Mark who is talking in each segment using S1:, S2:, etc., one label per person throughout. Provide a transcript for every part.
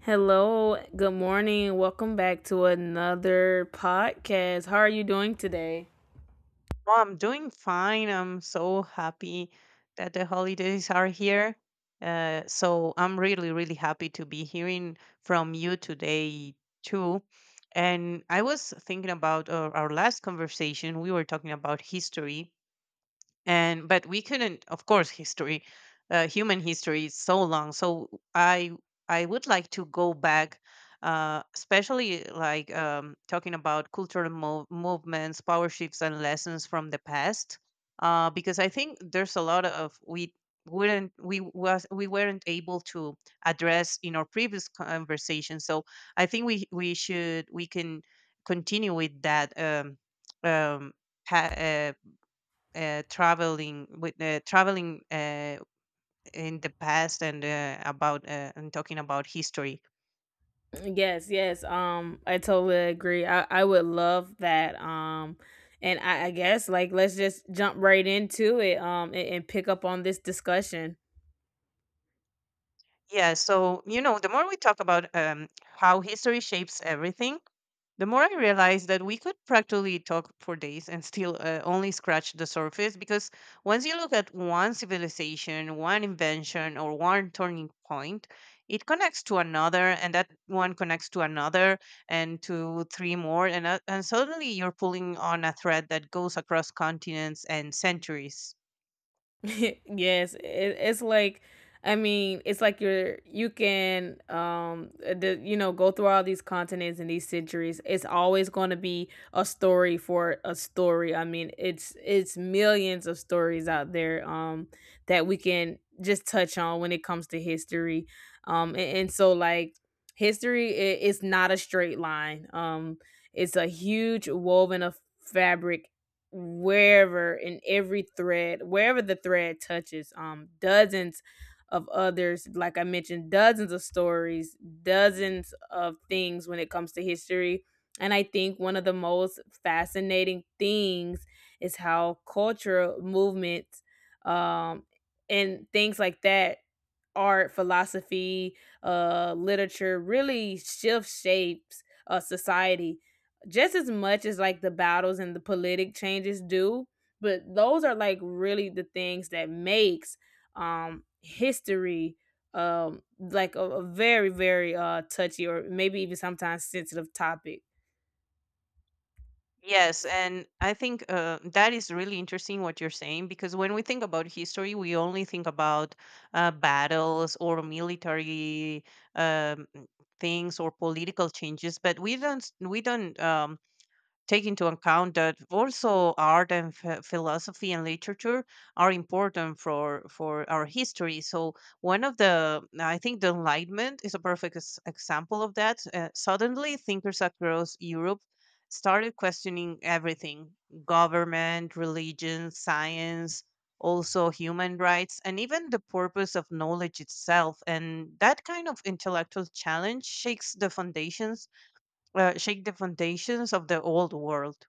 S1: Hello, good morning. Welcome back to another podcast. How are you doing today?
S2: Oh, I'm doing fine. I'm so happy that the holidays are here. So I'm really, really happy to be hearing from you today too. And I was thinking about our last conversation. We were talking about history, and but we couldn't of course history human history is so long, so i I would like to go back, especially like talking about cultural movements, power shifts, and lessons from the past, because I think there's a lot of we wouldn't we was we weren't able to address in our previous conversation. So I think we can continue with that, um, pa- uh, traveling with traveling in the past, and about and talking about history.
S1: Yes, yes. I totally agree. I would love that. I guess like let's just jump right into it. And pick up on this discussion.
S2: Yeah, so you know, the more we talk about how history shapes everything, the more I realized that we could practically talk for days and still only scratch the surface, because once you look at one civilization, one invention, or one turning point, it connects to another, and that one connects to another, and to three more, and suddenly you're pulling on a thread that goes across continents and centuries.
S1: Yes, it's like. I mean, it's like you can the, you know go through all these continents and these centuries. It's always going to be a story for a story. I mean, it's millions of stories out there that we can just touch on when it comes to history. And so like history is not a straight line. It's a huge woven of fabric wherever in every thread, wherever the thread touches, dozens of others, like I mentioned, dozens of stories, dozens of things when it comes to history. And I think one of the most fascinating things is how cultural movements um, and things like that, art, philosophy, literature really shift shapes society just as much as like the battles and the politic changes do. But those are like really the things that makes history, like a very, very touchy or maybe even sometimes sensitive topic.
S2: Yes, and I think that is really interesting what you're saying, because when we think about history, we only think about battles or military um, things or political changes, but we don't take into account that also art and philosophy and literature are important for our history. So one of the I think the Enlightenment is a perfect example of that. Suddenly thinkers across Europe started questioning everything: government, religion, science, also human rights, and even the purpose of knowledge itself. And that kind of intellectual challenge shakes the foundations of the old world.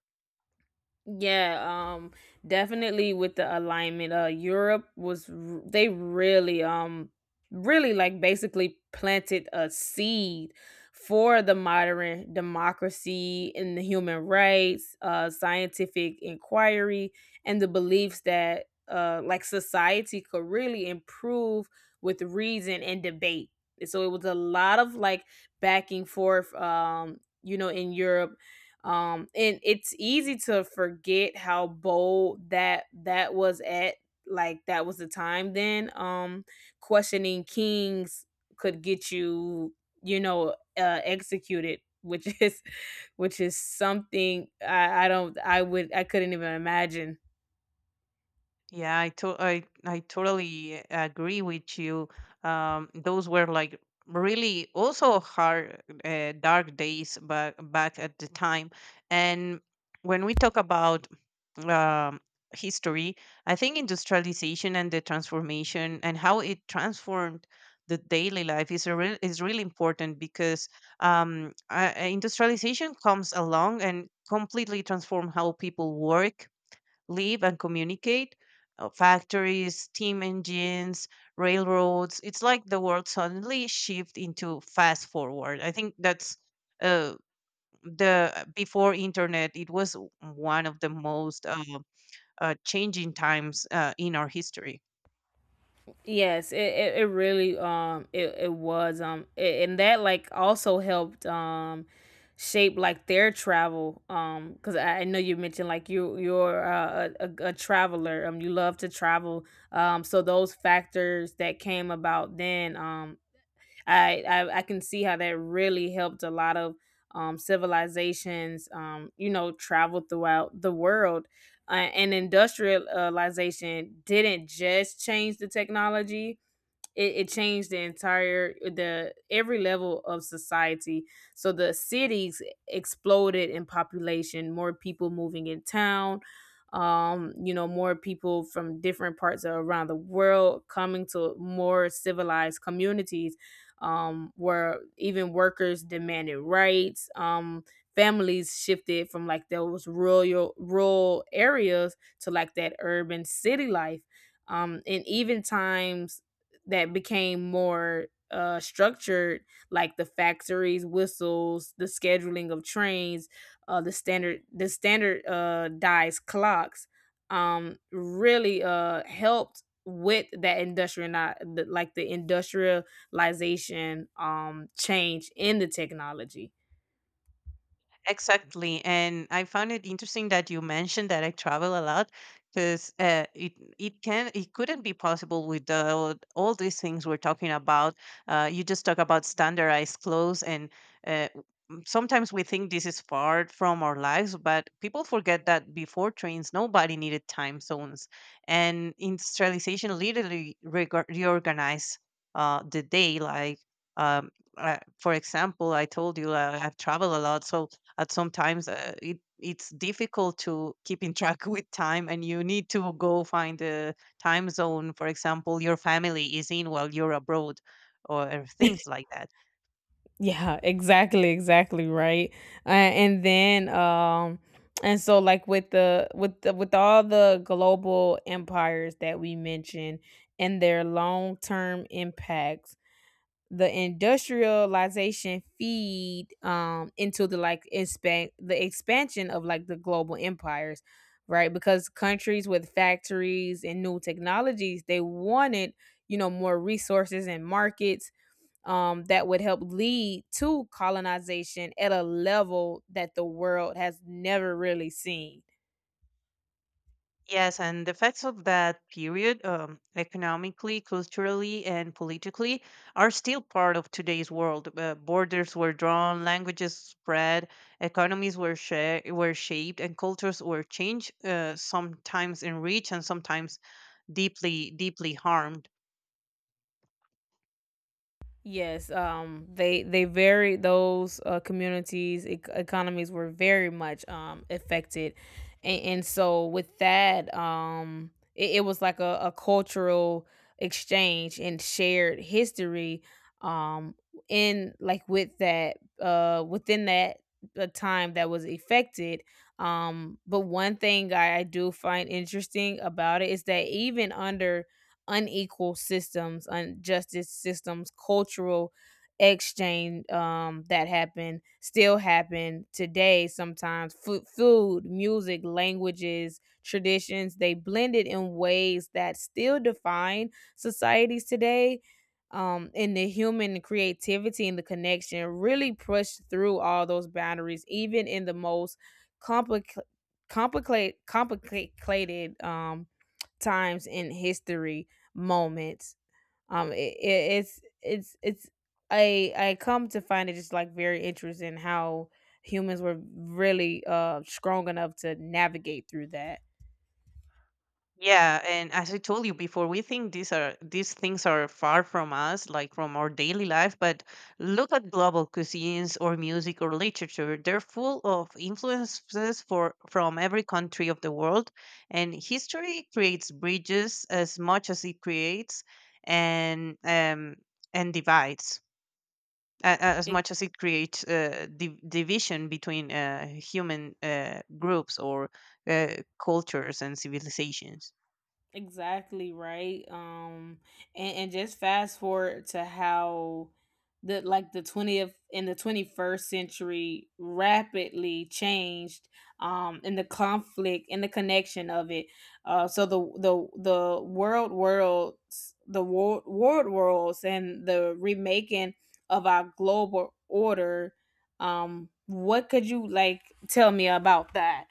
S1: Yeah, um definitely with the alignment. Uh, Europe was they really really like basically planted a seed for the modern democracy and the human rights, uh, scientific inquiry, and the beliefs that like society could really improve with reason and debate. So it was a lot of like back and forth you know, in Europe, and it's easy to forget how bold that was at, like, that was the time then, questioning kings could get you, you know, executed, which is which is something I don't, I would, I couldn't even imagine.
S2: Yeah, I to- I I totally agree with you. Those were like really also hard, dark days back at the time. And when we talk about um, history, I think industrialization and the transformation and how it transformed the daily life is a really important, because industrialization comes along and completely transform how people work, live, and communicate. Factories, steam engines, railroads. It's like the world suddenly shift into fast forward. I think that's uh, the before internet. It was one of the most changing times in our history.
S1: Yes, it really, it, it was, and that like also helped shape like their travel, because I know you mentioned like you're a traveler, you love to travel, so those factors that came about then, I can see how that really helped a lot of civilizations, you know, travel throughout the world. And industrialization didn't just change the technology, it changed the every level of society. So the cities exploded in population, more people moving in town. You know, more people from different parts of around the world coming to more civilized communities, where even workers demanded rights. Families shifted from like those rural areas to like that urban city life, and even times, that became more structured, like the factories, whistles, the scheduling of trains, the standard dies clocks, really helped with that industrial like the industrialization change in the technology.
S2: Exactly. And I found it interesting that you mentioned that I travel a lot, because it it can it couldn't be possible without all these things we're talking about. You just talk about standardized clothes and uh, sometimes we think this is far from our lives, but people forget that before trains, nobody needed time zones, and industrialization literally reorganized the day. Um, for example, I told you, I've traveled a lot, so at sometimes it it's difficult to keep in track with time, and you need to go find the time zone, for example, your family is in while you're abroad, or things like that.
S1: Yeah, exactly, exactly, right. Uh, and then um and so like with the with all the global empires that we mentioned and their long-term impacts, the industrialization feed into the expansion of like the global empires, right? Because countries with factories and new technologies, they wanted, you know, more resources and markets that would help lead to colonization at a level that the world has never really seen.
S2: Yes, and the effects of that period, economically, culturally, and politically, are still part of today's world. Borders were drawn, languages spread, economies were shaped, and cultures were changed, sometimes enriched and sometimes deeply, deeply harmed.
S1: Yes, they very those communities, economies were very much affected. And so with that, it was like a cultural exchange and shared history, um, in like within that time that was affected. But one thing I do find interesting about it is that even under unequal systems, injustice systems, cultural exchange, that happen still happen today, sometimes food, food, music, languages, traditions, they blended in ways that still define societies today, and the human creativity and the connection really pushed through all those boundaries, even in the most complicated complicated, times in history moments. It, it, it's I come to find it just like very interesting how humans were really strong enough to navigate through that.
S2: Yeah, and as I told you before, we think these things are far from us, like from our daily life, but look at global cuisines or music or literature. They're full of influences for from every country of the world, and history creates bridges as much as it creates and um and divides, as much as it creates division between human groups or uh, cultures and civilizations.
S1: Exactly right. And just fast forward to how the 20th and the 21st century rapidly changed, in the conflict and the connection of it. So the world worlds and the remaking of our global order. What could you like tell me about that?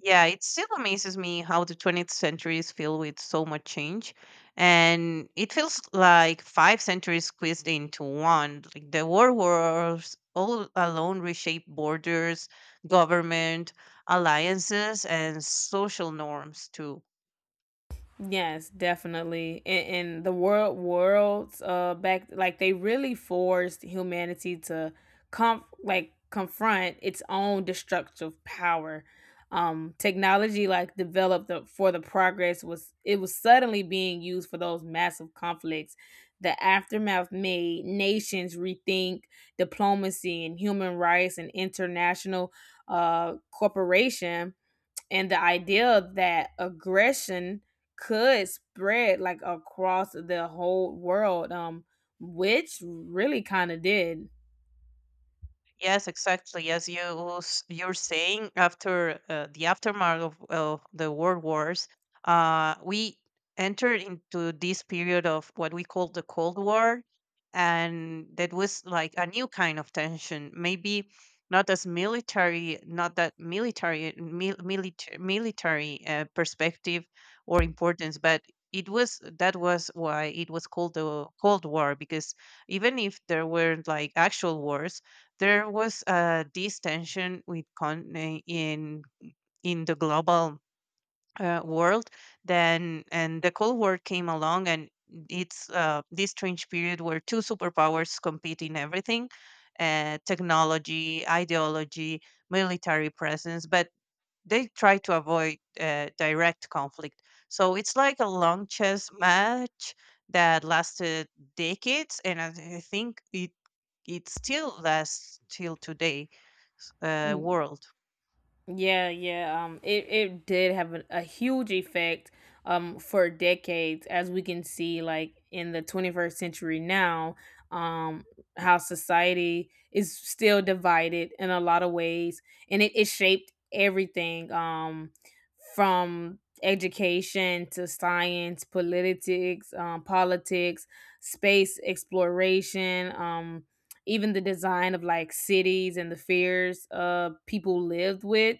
S2: Yeah, it still amazes me how the 20th century is filled with so much change. And it feels like five centuries squeezed into one. Like the world wars all alone reshaped borders, government, alliances, and social norms too.
S1: Yes, definitely. And the world worlds back, like, they really forced humanity to com like confront its own destructive power. Technology like for the progress was, it was suddenly being used for those massive conflicts. The aftermath made nations rethink diplomacy and human rights and international corporation, and the idea that aggression could spread like across the whole world, which really kind of did.
S2: Yes, exactly. As you're saying, after the aftermath of the world wars, we entered into this period of what we call the Cold War, and that was like a new kind of tension. Maybe not as military, not that military mil- military military perspective or importance. But it was, that was why it was called the Cold War, because even if there were not like actual wars, there was a this tension with in the global world then. And the Cold War came along, and it's this strange period where two superpowers compete in everything, technology, ideology, military presence, but they try to avoid direct conflict. So it's like a long chess match that lasted decades, and I think it still lasts till today world.
S1: Yeah, yeah. It did have a huge effect for decades, as we can see, like, in the 21st century now, um, how society is still divided in a lot of ways, and it shaped everything, from education to science, politics, space exploration, even the design of like cities and the fears people lived with,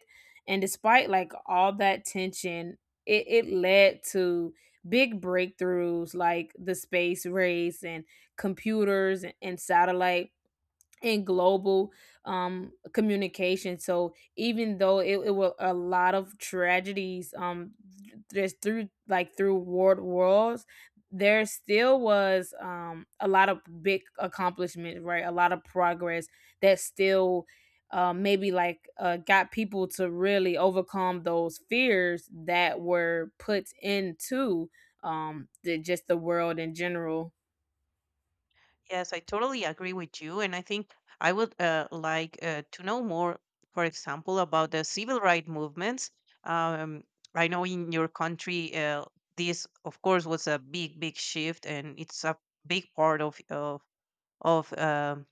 S1: and despite like all that tension, it led to big breakthroughs like the space race and computers and satellite and global communication. So even though it were a lot of tragedies, just through like through world wars, there still was a lot of big accomplishment, right? A lot of progress that still. Maybe got people to really overcome those fears that were put into just the world in general.
S2: Yes, I totally agree with you, and I think I would, to know more, for example, about the civil rights movements. Um, I know in your country, this, of course, was a big, big shift, and it's a big part of of of um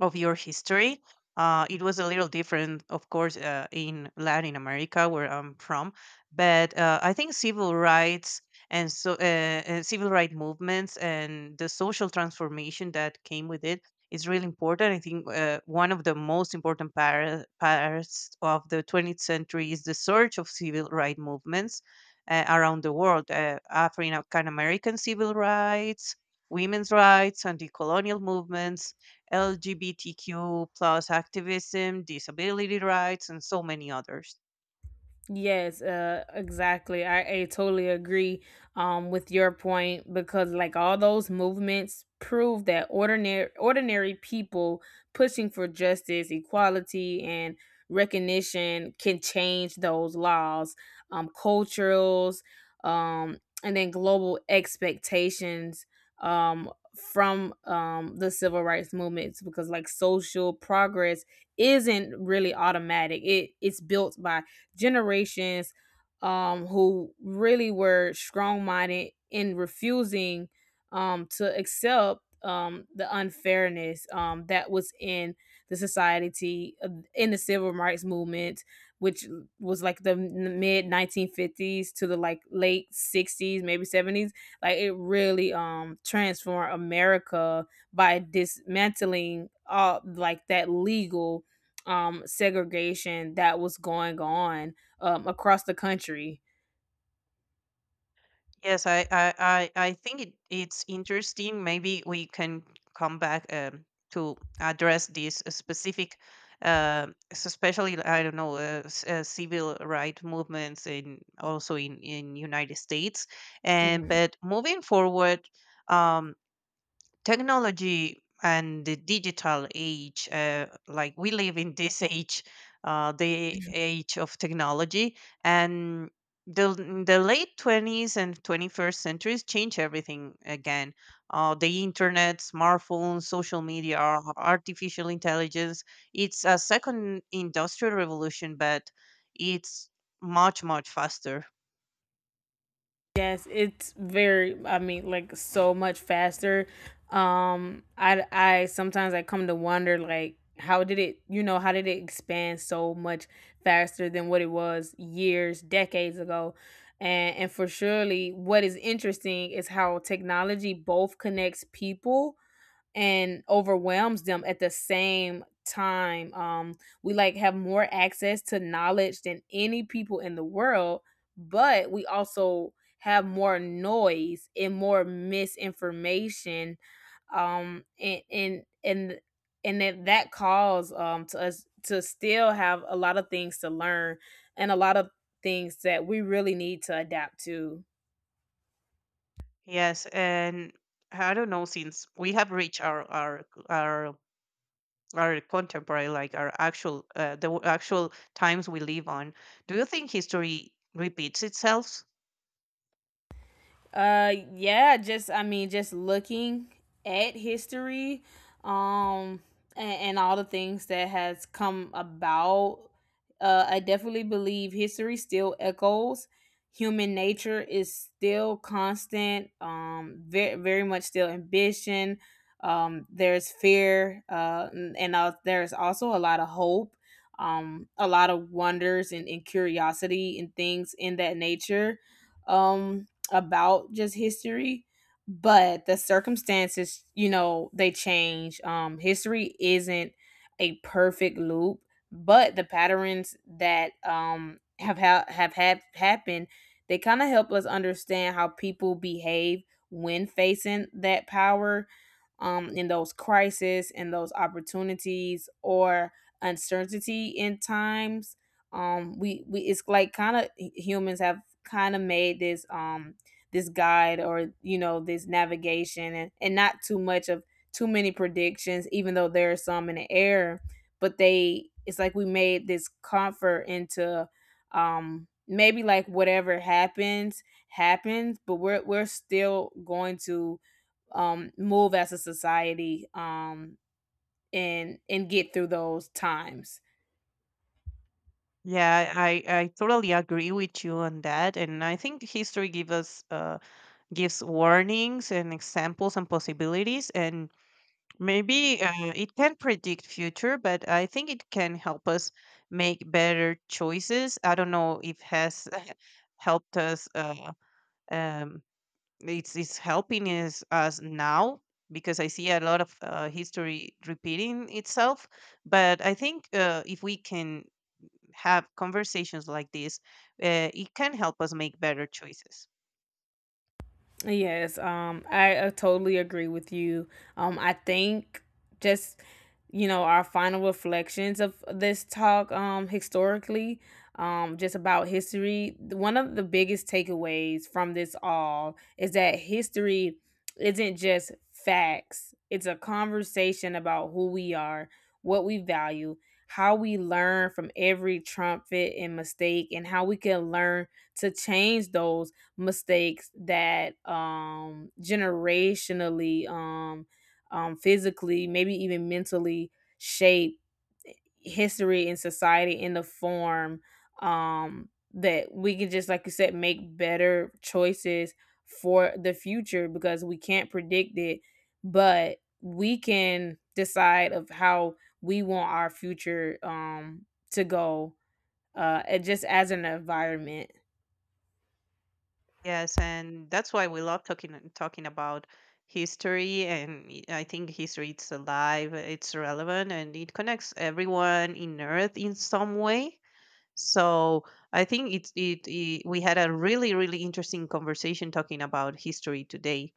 S2: of your history. It was a little different, of course, in Latin America, where I'm from. But I think civil rights and so, civil rights movements and the social transformation that came with it is really important. I think one of the most important parts of the 20th century is the surge of civil rights movements around the world: African American civil rights, women's rights, anti-colonial movements, LGBTQ plus activism, disability rights, and so many others.
S1: Yes, exactly. I totally agree, with your point, because, like, all those movements prove that ordinary people pushing for justice, equality, and recognition can change those laws, culturals, and then global expectations, from the civil rights movements. Because, like, social progress isn't really automatic; it's built by generations who really were strong minded in refusing to accept the unfairness that was in the society, in the civil rights movement, which was like the mid 1950s to the like late 60s, maybe 70s. Like, it really transformed America by dismantling all like that legal segregation that was going on across the country.
S2: Yes, I think it, it's interesting. Maybe we can come back, to address this specific, especially, I don't know, civil right movements in, also in United States. And
S1: Mhm.
S2: but moving forward. Um, technology and the digital age, like we live in this age, the age of technology. And the late 20s and 21st centuries change everything again. Uh, the internet, smartphones, social media, artificial intelligence. It's a second industrial revolution, but it's much, much faster.
S1: Yes, it's very. I mean, like, so much faster. I Sometimes I come to wonder like, how did it, you know, how did it expand so much faster than what it was years decades ago? And for surely what is interesting is how technology both connects people and overwhelms them at the same time. We like have more access to knowledge than any people in the world, but we also have more noise and more misinformation. Um, and and and and that that calls to us to still have a lot of things to learn and a lot of things that we really need to adapt to.
S2: Yes, and I don't know, since we have reached our our contemporary, like our actual, actual times we live on, do you think history repeats itself?
S1: Yeah, just I mean, just looking at history, um, and all the things that has come about. I definitely believe history still echoes. Human nature is still constant. Very, very much still ambition. There's fear. And there's also a lot of hope. A lot of wonders and curiosity and things in that nature. Um, about just history. But the circumstances, you know, they change. History isn't a perfect loop, but the patterns that have had happened, they kind of help us understand how people behave when facing that power, in those crises and those opportunities or uncertainty in times. We It's like kind of humans have kind of made this this guide, or you know, this navigation, and not too much of too many predictions, even though there are some in the air, but they it's like we made this comfort into, maybe like whatever happens happens, but we're still going to move as a society, and get through those times.
S2: Yeah, I totally agree with you on that. And I think history gives us, gives warnings and examples and possibilities. And maybe it can predict future, but I think it can help us make better choices. I don't know if has helped us, um, it's helping us now, because I see a lot of history repeating itself. But I think if we can have conversations like this, it can help us make better choices.
S1: Yes, I totally agree with you. I think, just, you know, our final reflections of this talk, historically, just about history, one of the biggest takeaways from this all is that history isn't just facts; it's a conversation about who we are, what we value, how we learn from every trumpet and mistake, and how we can learn to change those mistakes that, generationally, physically, maybe even mentally, shape history and society in the form, that we can, just like you said, make better choices for the future, because we can't predict it, but we can decide of how we want our future, to go. It just as an environment.
S2: Yes, and that's why we love talking about history. And I think history, it's alive, it's relevant, and it connects everyone in Earth in some way. So I think it's it, it, we had a really, really interesting conversation talking about history today.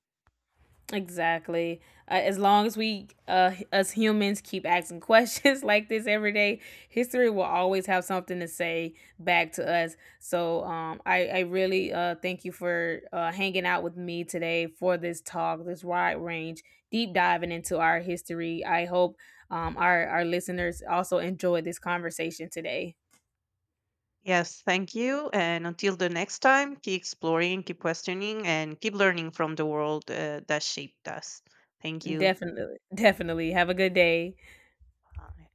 S1: Exactly. As long as we, us humans, keep asking questions like this every day, history will always have something to say back to us. So, I really thank you for hanging out with me today for this talk, this wide range, deep diving into our history. I hope, our listeners also enjoyed this conversation today.
S2: Yes, thank you. And until the next time, keep exploring, keep questioning, and keep learning from the world that shaped us. Thank you.
S1: Definitely, definitely. Have a good day.
S2: Bye.